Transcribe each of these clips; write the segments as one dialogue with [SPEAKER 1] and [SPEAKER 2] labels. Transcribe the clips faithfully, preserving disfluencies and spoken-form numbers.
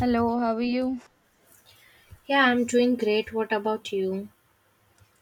[SPEAKER 1] Hello, how are you?
[SPEAKER 2] Yeah, I'm doing great. What about you?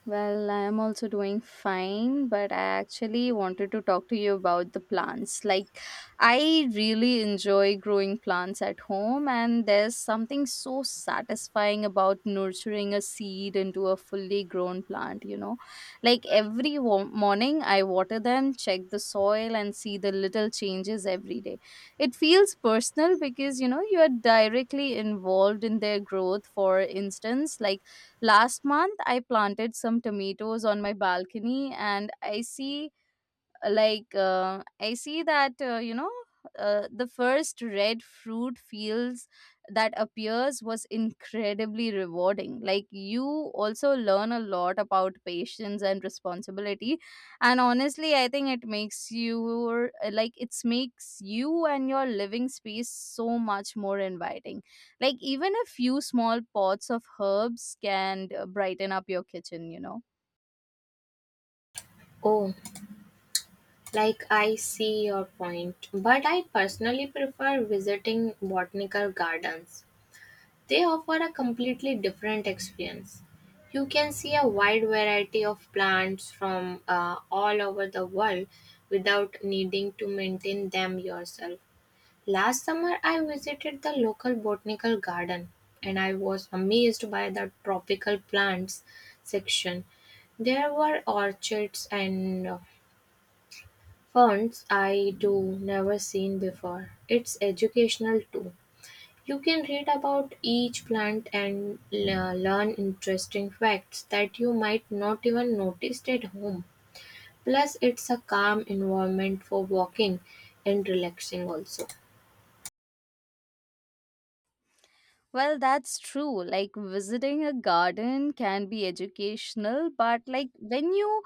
[SPEAKER 1] Well, I am also doing fine, but I actually wanted to talk to you about the plants. Like, I really enjoy growing plants at home, and there's something so satisfying about nurturing a seed into a fully grown plant, you know? Like, every wo- morning I water them, check the soil, and see the little changes every day. It feels personal because, you know, you are directly involved in their growth. For instance, like, last month, I planted some tomatoes on my balcony, and I see like uh, i see that uh, you know uh, the first red fruit fields that appears was incredibly rewarding. Like, you also learn a lot about patience and responsibility, and honestly I think it makes you, like it makes you and your living space so much more inviting. Like, even a few small pots of herbs can uh, brighten up your kitchen you know
[SPEAKER 2] Oh, like I see your point, but I personally prefer visiting botanical gardens. They offer a completely different experience. You can see a wide variety of plants from uh, all over the world without needing to maintain them yourself. Last summer, I visited the local botanical garden and I was amazed by the tropical plants section. There were orchids and uh, ferns I do never seen before. It's educational too. You can read about each plant and le- learn interesting facts that you might not even notice at home. Plus, it's a calm environment for walking and relaxing also.
[SPEAKER 1] Well, that's true. Like, visiting a garden can be educational, but like when you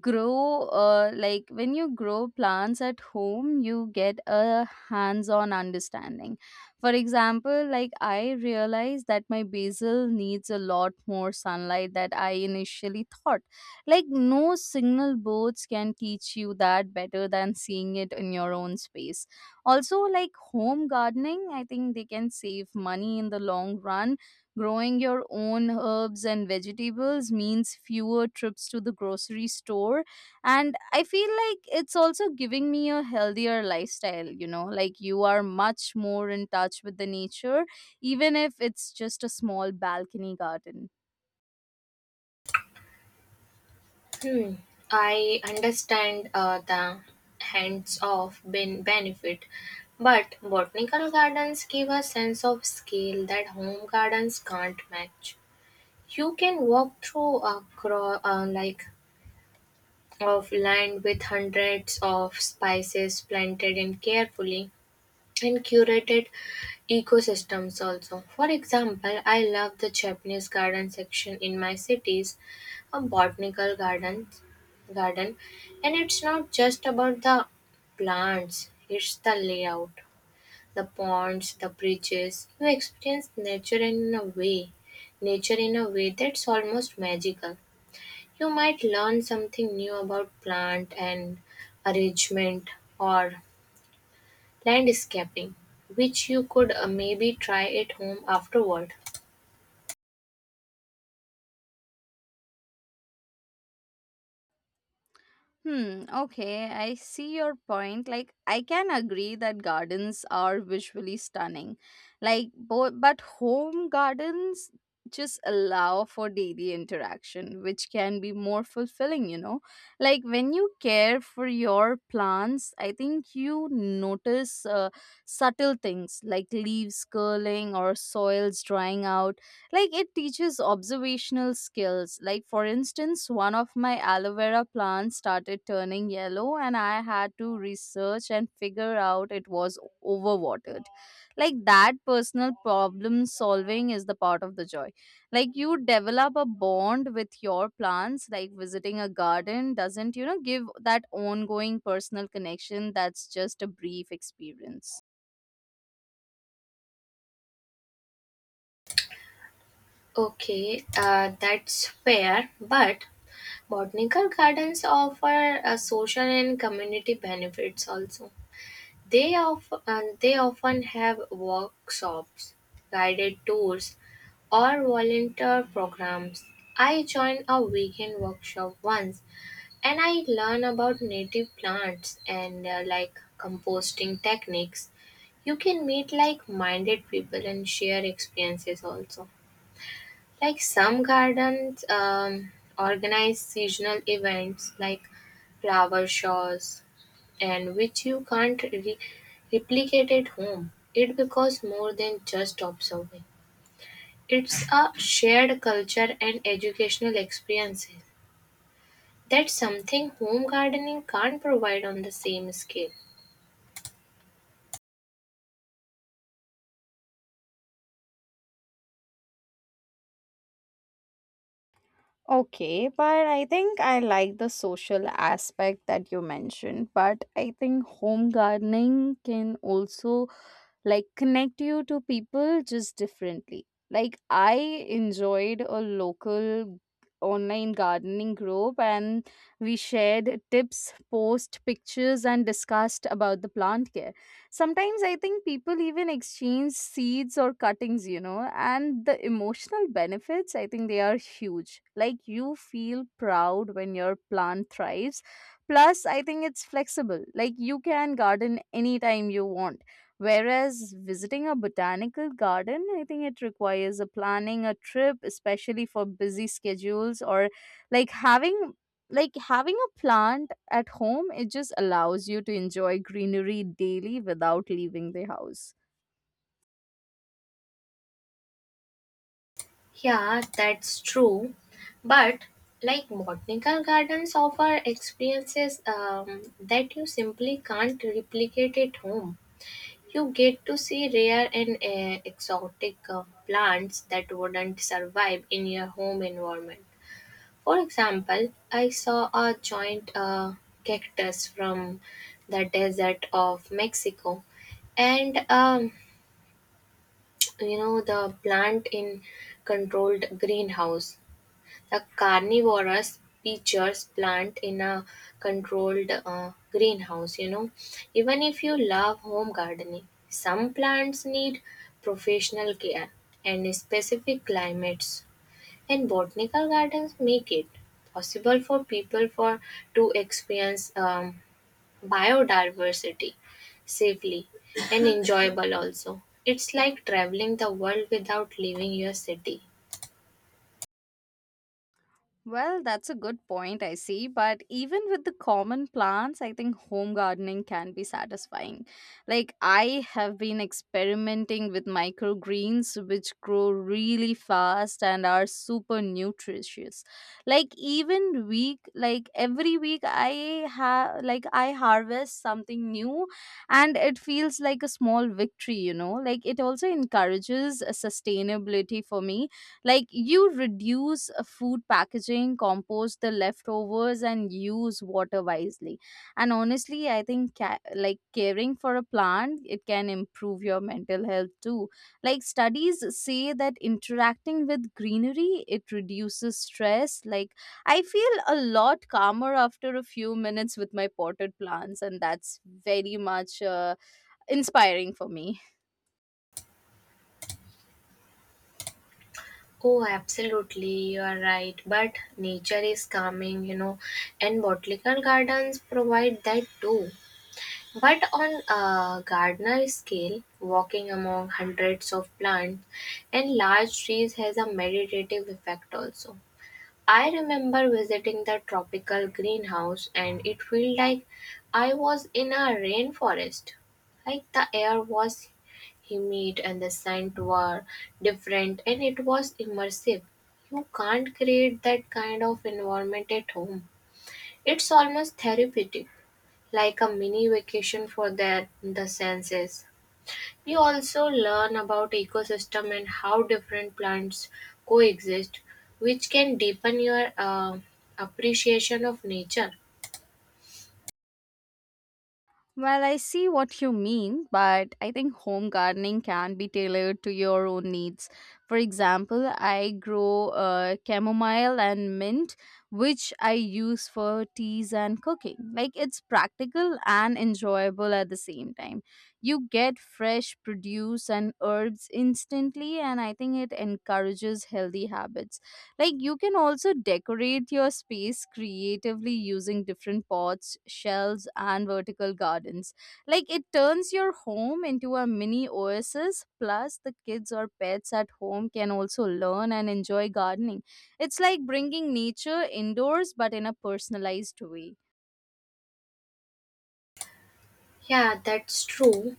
[SPEAKER 1] grow uh, like when you grow plants at home, you get a hands-on understanding. For example, like, I realized that my basil needs a lot more sunlight that I initially thought. Like, no signal boards can teach you that better than seeing it in your own space. Also, like, home gardening, I think they can save money in the long run. Growing your own herbs and vegetables means fewer trips to the grocery store. And I feel like it's also giving me a healthier lifestyle, you know, like you are much more in touch with the nature, even if it's just a small balcony garden.
[SPEAKER 2] Hmm. I understand uh, the hands-off ben- benefit, but botanical gardens give a sense of scale that home gardens can't match. You can walk through a cro- uh, like of land with hundreds of spices planted in carefully and curated ecosystems also. For example, I love the Japanese garden section in my cities, a botanical garden garden and it's not just about the plants, it's the layout, the ponds, the bridges. You experience nature in a way, nature in a way that's almost magical. You might learn something new about plant and arrangement or landscaping, which you could uh, maybe try at home afterward.
[SPEAKER 1] Hmm, okay, I see your point. Like, I can agree that gardens are visually stunning. Like, bo- but home gardens just allow for daily interaction, which can be more fulfilling, you know? Like, when you care for your plants, I think you notice uh, subtle things like leaves curling or soils drying out. Like, it teaches observational skills. Like, for instance, one of my aloe vera plants started turning yellow and I had to research and figure out it was overwatered. Like, that personal problem solving is the part of the joy. Like, you develop a bond with your plants. Like, visiting a garden doesn't, you know, give that ongoing personal connection. That's just a brief experience.
[SPEAKER 2] Okay, uh, that's fair, but botanical gardens offer uh, social and community benefits also. They, of, uh, they often have workshops, guided tours, or volunteer programs. I joined a weekend workshop once and I learn about native plants and uh, like composting techniques. You can meet like minded people and share experiences also. Like some gardens um, organize seasonal events like flower shows and which you can't re- replicate at home. It becomes more than just observing, it's a shared culture and educational experience. That's something home gardening can't provide on the same scale.
[SPEAKER 1] Okay, but I think I like the social aspect that you mentioned. But I think home gardening can also, like, connect you to people just differently. Like, I enjoyed a local online gardening group, and we shared tips, post pictures and discussed about the plant care. Sometimes I think people even exchange seeds or cuttings, you know, and the emotional benefits, I think they are huge. Like, you feel proud when your plant thrives. Plus, I think it's flexible. Like, you can garden anytime you want. Whereas visiting a botanical garden, I think it requires a planning a trip, especially for busy schedules, or like having like having a plant at home, it just allows you to enjoy greenery daily without leaving the house.
[SPEAKER 2] Yeah, that's true. But like botanical gardens offer experiences um, that you simply can't replicate at home. You get to see rare and uh, exotic uh, plants that wouldn't survive in your home environment. For example, I saw a giant uh, cactus from the desert of Mexico and um, you know the plant in controlled greenhouse the carnivorous peaches plant in a controlled uh, greenhouse. You know, even if you love home gardening, some plants need professional care and specific climates, and botanical gardens make it possible for people for to experience um, biodiversity safely and enjoyable also. It's like traveling the world without leaving your city.
[SPEAKER 1] Well, that's a good point, I see. But even with the common plants, I think home gardening can be satisfying. Like, I have been experimenting with microgreens, which grow really fast and are super nutritious. Like, even week, like every week, I have, like, I harvest something new, and it feels like a small victory, you know? Like, it also encourages uh, sustainability for me. Like, you reduce uh, food packaging, compost the leftovers, and use water wisely. And honestly, I think ca- like caring for a plant, it can improve your mental health too. Like, studies say that interacting with greenery, it reduces stress. Like, I feel a lot calmer after a few minutes with my potted plants, and that's very much uh, inspiring for me.
[SPEAKER 2] Oh, absolutely, you are right. But nature is calming, you know, and botanical gardens provide that too. But on a gardener scale, walking among hundreds of plants and large trees has a meditative effect also. I remember visiting the tropical greenhouse and it felt like I was in a rainforest. Like the air was humid and the scents were different and it was immersive. You can't create that kind of environment at home. It's almost therapeutic, like a mini vacation for their, the senses. You also learn about ecosystem and how different plants coexist, which can deepen your uh, appreciation of nature.
[SPEAKER 1] Well, I see what you mean, but I think home gardening can be tailored to your own needs. For example, I grow uh, chamomile and mint, which I use for teas and cooking. Like, it's practical and enjoyable at the same time. You get fresh produce and herbs instantly, and I think it encourages healthy habits. Like, you can also decorate your space creatively using different pots, shells, and vertical gardens. Like, it turns your home into a mini oasis. Plus, the kids or pets at home can also learn and enjoy gardening. It's like bringing nature indoors, but in a personalized way.
[SPEAKER 2] Yeah, that's true.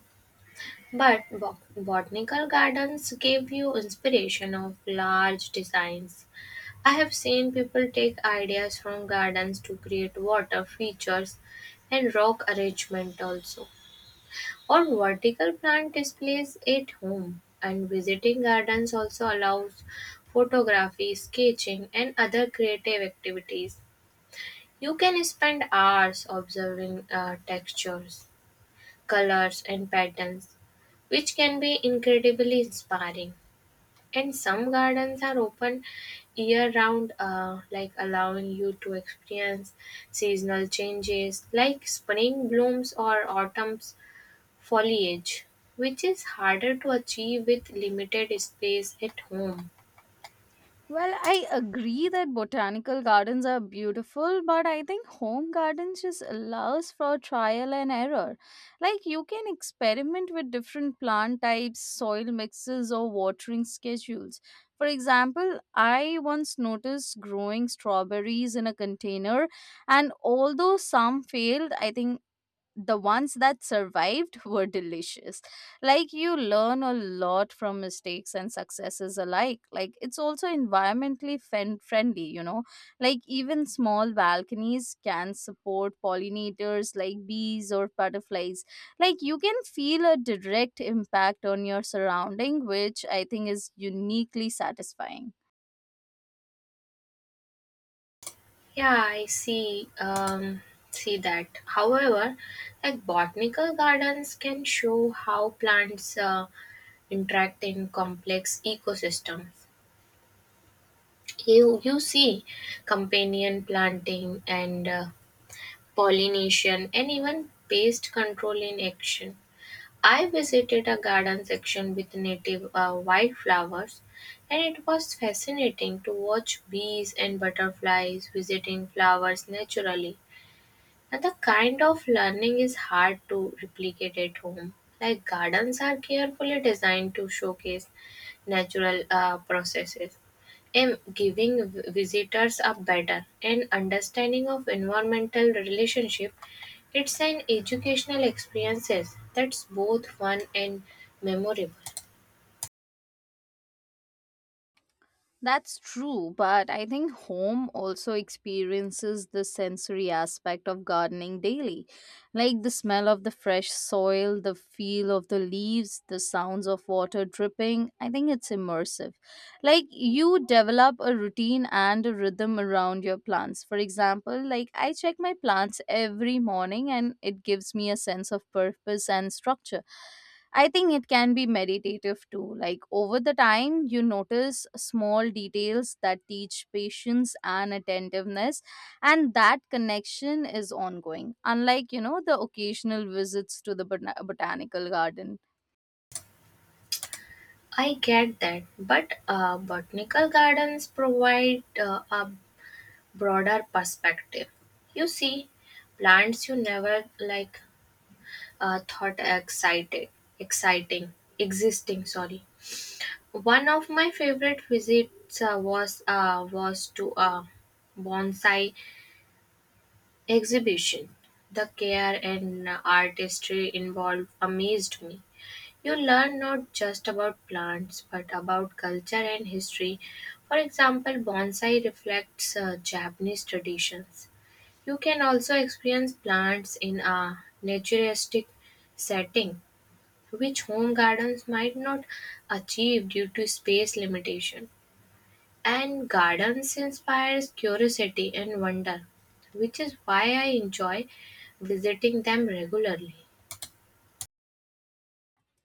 [SPEAKER 2] But bo- botanical gardens give you inspiration of large designs. I have seen people take ideas from gardens to create water features and rock arrangement also, or vertical plant displays at home. And visiting gardens also allows photography, sketching, and other creative activities. You can spend hours observing uh, textures, colors and patterns, which can be incredibly inspiring. And some gardens are open year round, uh, like allowing you to experience seasonal changes like spring blooms or autumn's foliage, which is harder to achieve with limited space at home.
[SPEAKER 1] Well, I agree that botanical gardens are beautiful, but I think home gardens just allows for trial and error. Like, you can experiment with different plant types, soil mixes, or watering schedules. For example, I once noticed growing strawberries in a container, and although some failed, I think the ones that survived were delicious. Like, you learn a lot from mistakes and successes alike. Like, it's also environmentally fen- friendly, you know. Like, even small balconies can support pollinators like bees or butterflies. Like, you can feel a direct impact on your surrounding, which I think is uniquely satisfying.
[SPEAKER 2] Yeah, I see. Um, see that. However, like botanical gardens can show how plants uh, interact in complex ecosystems. You you see companion planting and uh, pollination and even pest control in action. I visited a garden section with native uh, wildflowers, and it was fascinating to watch bees and butterflies visiting flowers naturally. And the kind of learning is hard to replicate at home. Like gardens are carefully designed to showcase natural uh, processes, and giving v- visitors a better and understanding of environmental relationship. It's an educational experiences that's both fun and memorable.
[SPEAKER 1] That's true, but I think home also experiences the sensory aspect of gardening daily, like the smell of the fresh soil, the feel of the leaves, the sounds of water dripping. I think it's immersive. Like, you develop a routine and a rhythm around your plants. For example, like, I check my plants every morning and it gives me a sense of purpose and structure. I think it can be meditative too. Like, over the time, you notice small details that teach patience and attentiveness, and that connection is ongoing, unlike, you know, the occasional visits to the bota- botanical garden.
[SPEAKER 2] I get that, but uh, botanical gardens provide uh, a broader perspective. You see, plants you never like uh, thought excited, exciting, existing. Sorry. One of my favorite visits uh, was uh, was to a bonsai exhibition. The care and artistry involved amazed me. You learn not just about plants but about culture and history. For example, bonsai reflects uh, Japanese traditions. You can also experience plants in a naturalistic setting, which home gardens might not achieve due to space limitation. And gardens inspires curiosity and wonder, which is why I enjoy visiting them regularly.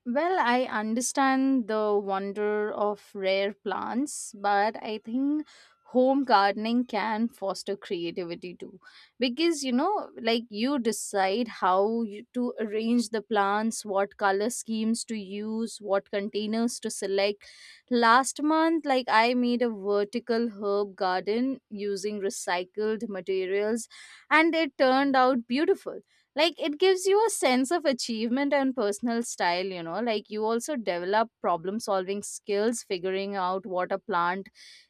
[SPEAKER 1] Well, I understand the wonder of rare plants, but I think home gardening can foster creativity too. Because, you know, like, you decide how you, to arrange the plants, what color schemes to use, what containers to select. Last month, like, I made a vertical herb garden using recycled materials, and it turned out beautiful. Like, it gives you a sense of achievement and personal style, you know. Like, you also develop problem solving skills, figuring out what a plant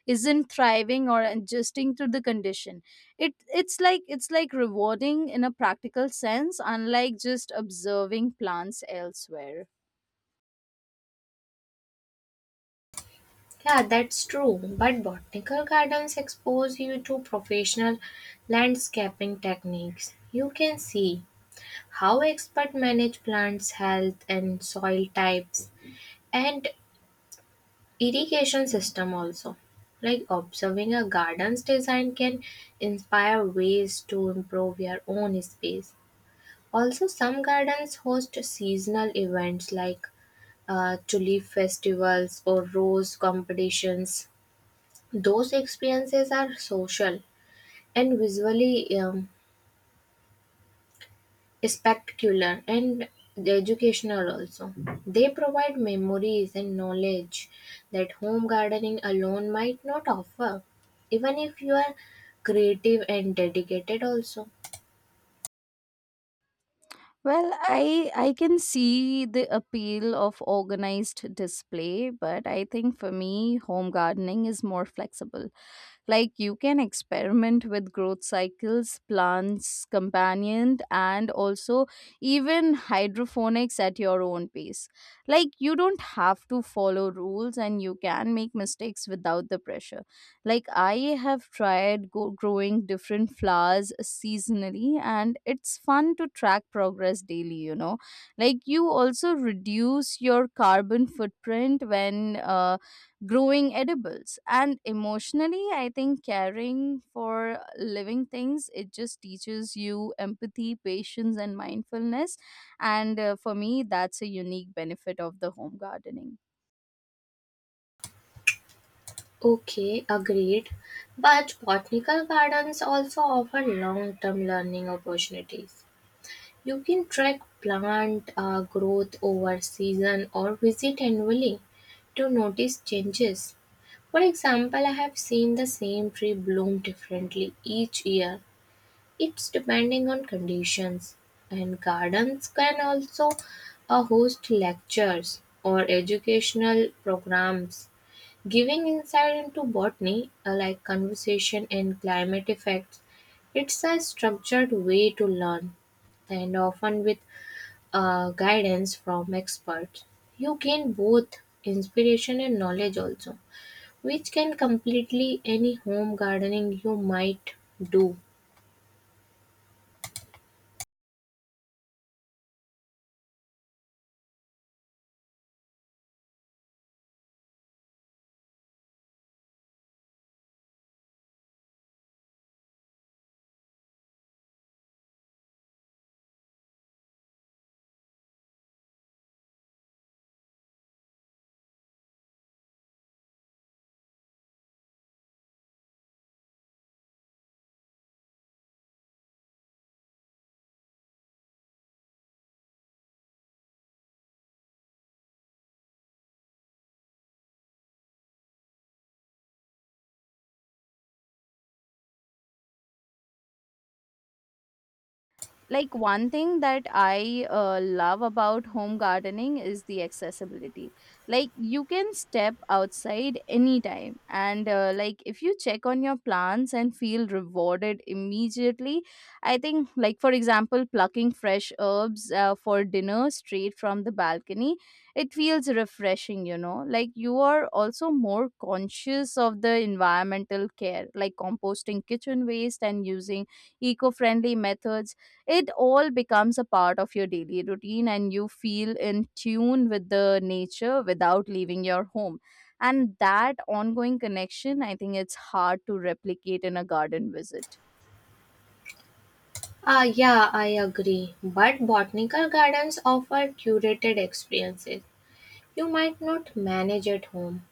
[SPEAKER 1] isn't thriving or adjusting to the condition. It it's like it's like rewarding in a practical sense, unlike just observing plants elsewhere.
[SPEAKER 2] Yeah, that's true. But botanical gardens expose you to professional landscaping techniques. You can see how experts manage plants' health and soil types, and irrigation system also. Like observing a garden's design can inspire ways to improve your own space. Also, some gardens host seasonal events like uh, tulip festivals or rose competitions. Those experiences are social and visually um, spectacular and educational also. They provide memories and knowledge that home gardening alone might not offer, even if you are creative and dedicated also.
[SPEAKER 1] Well, i i can see the appeal of organized display, but I think for me home gardening is more flexible. Like, you can experiment with growth cycles, plants, companion, and also even hydroponics at your own pace. Like, you don't have to follow rules and you can make mistakes without the pressure. Like, I have tried go- growing different flowers seasonally and it's fun to track progress daily, you know. Like, you also reduce your carbon footprint when uh, growing edibles, and emotionally I think caring for living things, it just teaches you empathy, patience and mindfulness. And uh, for me that's a unique benefit of the home gardening.
[SPEAKER 2] Okay, agreed. But botanical gardens also offer long term learning opportunities. You can track plant uh, growth over season or visit annually to notice changes. For example, I have seen the same tree bloom differently each year. It's depending on conditions. And gardens can also uh, host lectures or educational programs, giving insight into botany, uh, like conversation and climate effects. It's a structured way to learn, and often with uh, guidance from experts, you gain both inspiration and knowledge also, which can completely any home gardening you might do.
[SPEAKER 1] Like, one thing that I uh, love about home gardening is the accessibility. Like, you can step outside anytime and uh, like, if you check on your plants and feel rewarded immediately. I think, like, for example, plucking fresh herbs uh, for dinner straight from the balcony, it feels refreshing, you know. Like, you are also more conscious of the environmental care, like composting kitchen waste and using eco-friendly methods. It all becomes a part of your daily routine and you feel in tune with the nature without leaving your home, and that ongoing connection, I think it's hard to replicate in a garden visit.
[SPEAKER 2] Ah, yeah, I agree. But botanical gardens offer curated experiences you might not manage at home.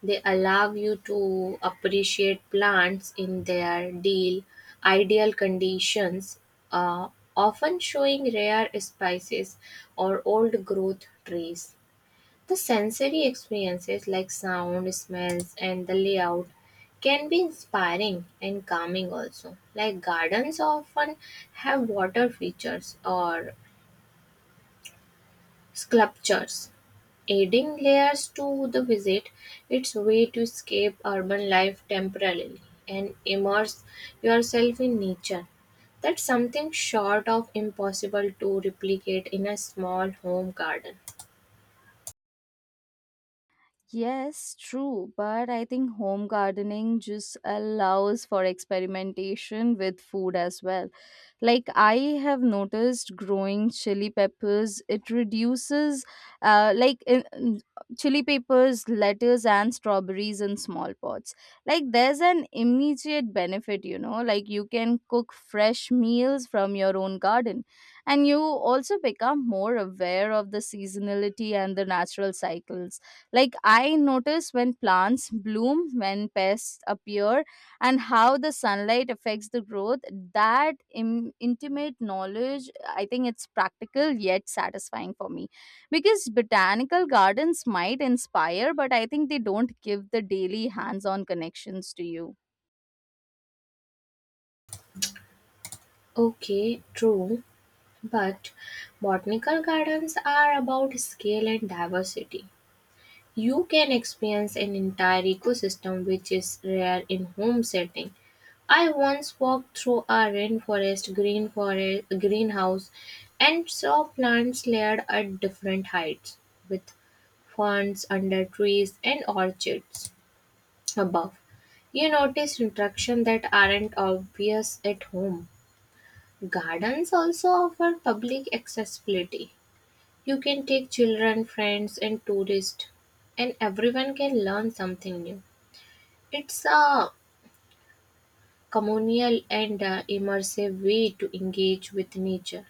[SPEAKER 2] They allow you to appreciate plants in their deal, ideal conditions, uh, often showing rare spices or old growth trees. The sensory experiences like sound, smells, and the layout can be inspiring and calming also. Like gardens often have water features or sculptures, adding layers to the visit. It's a way to escape urban life temporarily and immerse yourself in nature. That's something short of impossible to replicate in a small home garden.
[SPEAKER 1] Yes, true, but I think home gardening just allows for experimentation with food as well. Like, I have noticed growing chili peppers, it reduces uh like in, in- chili peppers, lettuce and strawberries in small pots. Like, there's an immediate benefit, you know. Like, you can cook fresh meals from your own garden, and you also become more aware of the seasonality and the natural cycles. Like, I notice when plants bloom, when pests appear, and how the sunlight affects the growth. That Im- intimate knowledge, I think it's practical yet satisfying for me. Because botanical gardens might inspire, but I think they don't give the daily hands on connections to you.
[SPEAKER 2] Okay, true. But botanical gardens are about scale and diversity. You can experience an entire ecosystem which is rare in home setting. I once walked through a rainforest green forest greenhouse and saw plants layered at different heights, with ferns under trees and orchids above. You notice interactions that aren't obvious at home. Gardens also offer public accessibility. You can take children, friends, and tourists, and everyone can learn something new. It's a communal and uh, immersive way to engage with nature.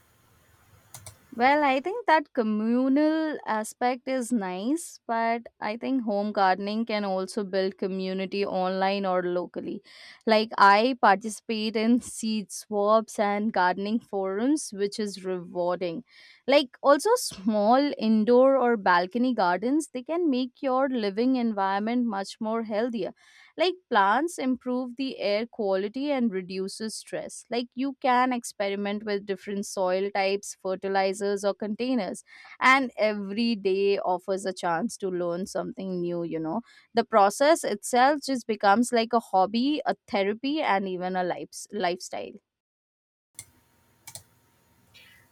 [SPEAKER 1] Well, I think that communal aspect is nice, but I think home gardening can also build community online or locally. Like, I participate in seed swaps and gardening forums, which is rewarding. Like, also, small indoor or balcony gardens, they can make your living environment much more healthier. Like, plants improve the air quality and reduces stress. Like, you can experiment with different soil types, fertilizers or containers, and every day offers a chance to learn something new, you know. The process itself just becomes like a hobby, a therapy and even a life lifestyle.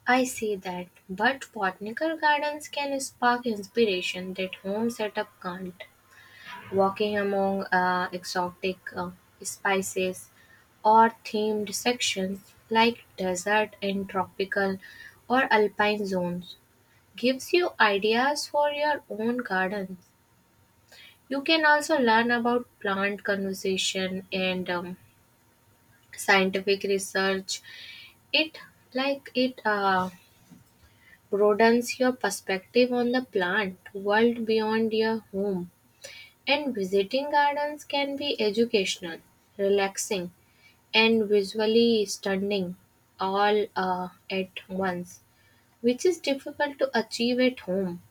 [SPEAKER 2] I see that, but botanical gardens can spark inspiration that home setup can't. Walking among uh, exotic uh, spices or themed sections like desert and tropical or alpine zones gives you ideas for your own garden. You can also learn about plant conservation and um, scientific research. It like it uh, broadens your perspective on the plant world beyond your home. And visiting gardens can be educational, relaxing, and visually stunning all uh, at once, which is difficult to achieve at home.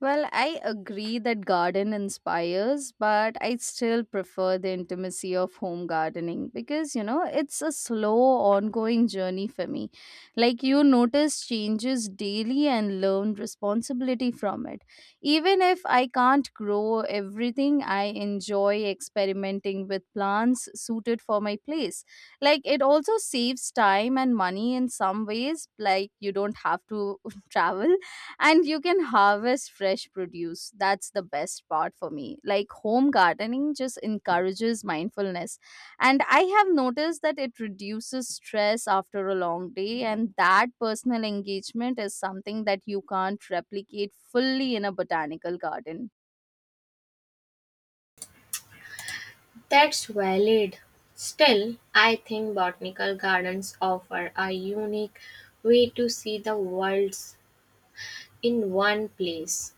[SPEAKER 1] Well, I agree that garden inspires, but I still prefer the intimacy of home gardening because, you know, it's a slow, ongoing journey for me. Like, you notice changes daily and learn responsibility from it. Even if I can't grow everything, I enjoy experimenting with plants suited for my place. Like, it also saves time and money in some ways. Like, you don't have to travel and you can harvest fresh produce. That's the best part for me. Like, home gardening just encourages mindfulness, and I have noticed that it reduces stress after a long day, and that personal engagement is something that you can't replicate fully in a botanical garden.
[SPEAKER 2] That's valid. Still, I think botanical gardens offer a unique way to see the worlds in one place,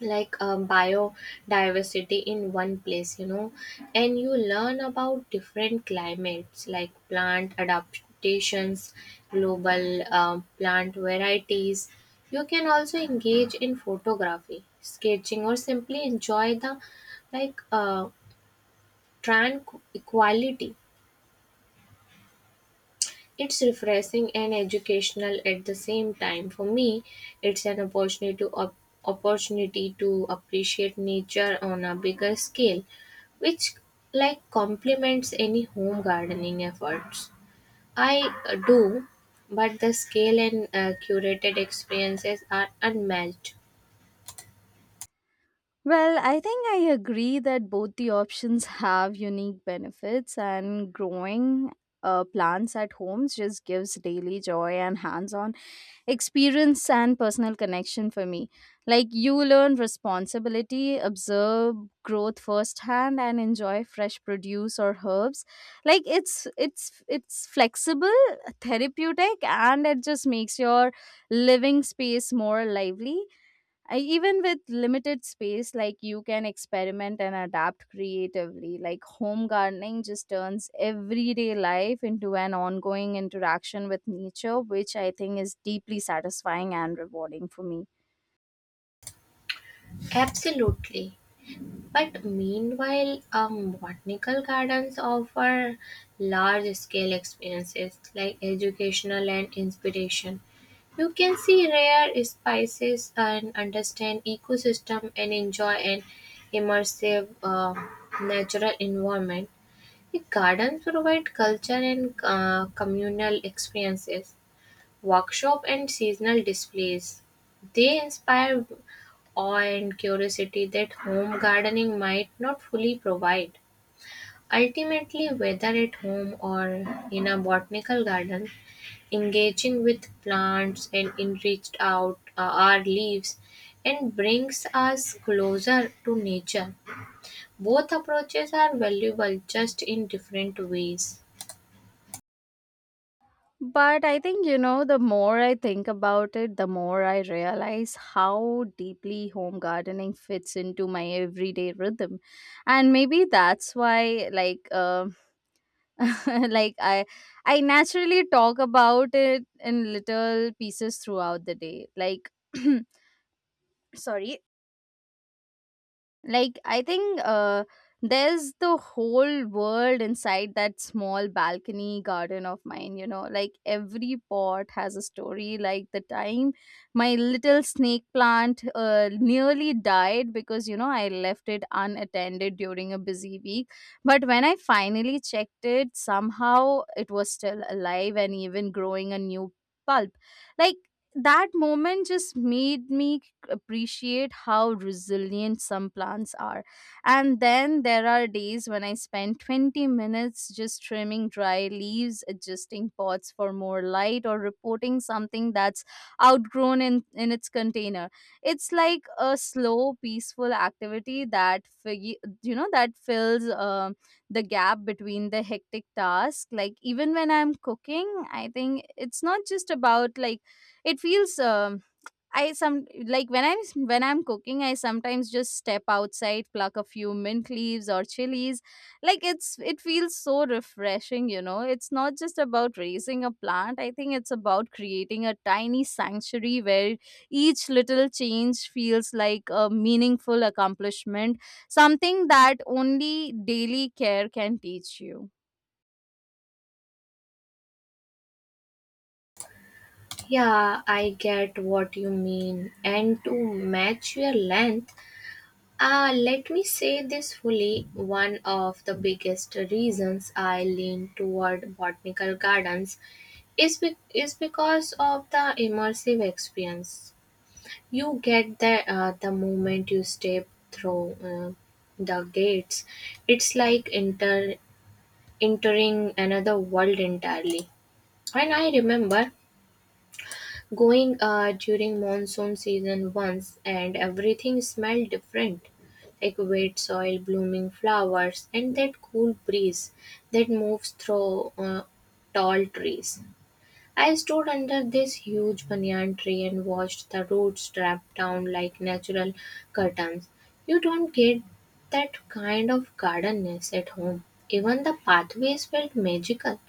[SPEAKER 2] like um, biodiversity in one place, you know, and you learn about different climates like plant adaptations, global um, plant varieties. You can also engage in photography, sketching, or simply enjoy the like uh, tranquility. It's refreshing and educational at the same time. For me, it's an opportunity to op- opportunity to appreciate nature on a bigger scale, which like complements any home gardening efforts. I uh, do, but the scale and uh, curated experiences are unmatched.
[SPEAKER 1] Well, I think I agree that both the options have unique benefits, and growing uh, plants at homes just gives daily joy and hands on experience and personal connection for me. Like, you learn responsibility, observe growth firsthand, and enjoy fresh produce or herbs. Like, it's it's it's flexible, therapeutic, and it just makes your living space more lively. I, even with limited space, like, you can experiment and adapt creatively. Like, home gardening just turns everyday life into an ongoing interaction with nature, which I think is deeply satisfying and rewarding for me.
[SPEAKER 2] Absolutely. But meanwhile, um, botanical gardens offer large scale experiences like educational and inspiration. You can see rare spices and understand ecosystem and enjoy an immersive uh, natural environment. The gardens provide culture and uh, communal experiences, workshops and seasonal displays. They inspire awe and curiosity that home gardening might not fully provide. Ultimately, whether at home or in a botanical garden, engaging with plants and enriched out uh, our leaves and brings us closer to nature. Both approaches are valuable just in different ways.
[SPEAKER 1] But I think, you know, the more I think about it, the more I realize how deeply home gardening fits into my everyday rhythm. And maybe that's why, like, um like i i naturally talk about it in little pieces throughout the day. Like sorry. Like, I think uh there's the whole world inside that small balcony garden of mine, you know. Like, every pot has a story. Like, the time my little snake plant uh, nearly died because, you know, I left it unattended during a busy week, but when I finally checked it, somehow it was still alive and even growing a new pulp. Like, that moment just made me appreciate how resilient some plants are. And then there are days when I spend twenty minutes just trimming dry leaves, adjusting pots for more light, or reporting something that's outgrown in, in its container. It's like a slow, peaceful activity that, fig- you know, that fills um the gap between the hectic task. Like, even when I'm cooking, I think it's not just about, like, it feels. Um, I some like when I'm when I'm cooking, I sometimes just step outside, pluck a few mint leaves or chilies. Like, it's it feels so refreshing, you know. It's not just about raising a plant. I think it's about creating a tiny sanctuary where each little change feels like a meaningful accomplishment, something that only daily care can teach you.
[SPEAKER 2] Yeah, I get what you mean. And to match your length, uh, let me say this fully. One of the biggest reasons I lean toward botanical gardens is, be- is because of the immersive experience. You get the, uh, the moment you step through uh, the gates, it's like enter- entering another world entirely. And I remember going uh, during monsoon season once, and everything smelled different, like wet soil, blooming flowers, and that cool breeze that moves through uh, tall trees. I stood under this huge banyan tree and watched the roots drop down like natural curtains. You don't get that kind of gardenness at home. Even the pathways felt magical,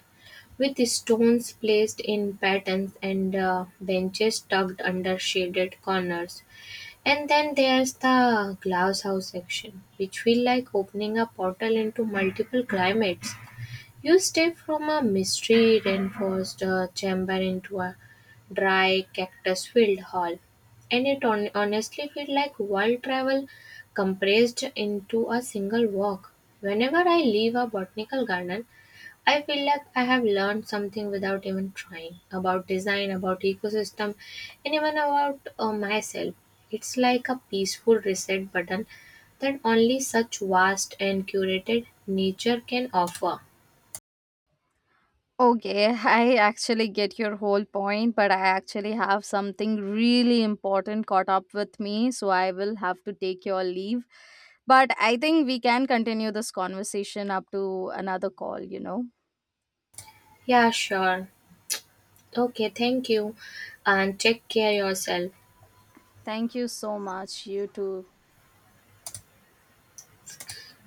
[SPEAKER 2] with stones placed in patterns and uh, benches tucked under shaded corners. And then there's the glasshouse section, which feel like opening a portal into multiple climates. You step from a mystery reinforced uh, chamber into a dry cactus filled hall, and it on- honestly feels like world travel compressed into a single walk. Whenever I leave a botanical garden, I feel like I have learned something without even trying, about design, about ecosystem, and even about uh, myself. It's like a peaceful reset button that only such vast and curated nature can offer.
[SPEAKER 1] Okay, I actually get your whole point, but I actually have something really important caught up with me, so I will have to take your leave. But I think we can continue this conversation up to another call, you know.
[SPEAKER 2] Yeah, sure. Okay, thank you. And take care yourself.
[SPEAKER 1] Thank you so much. You too.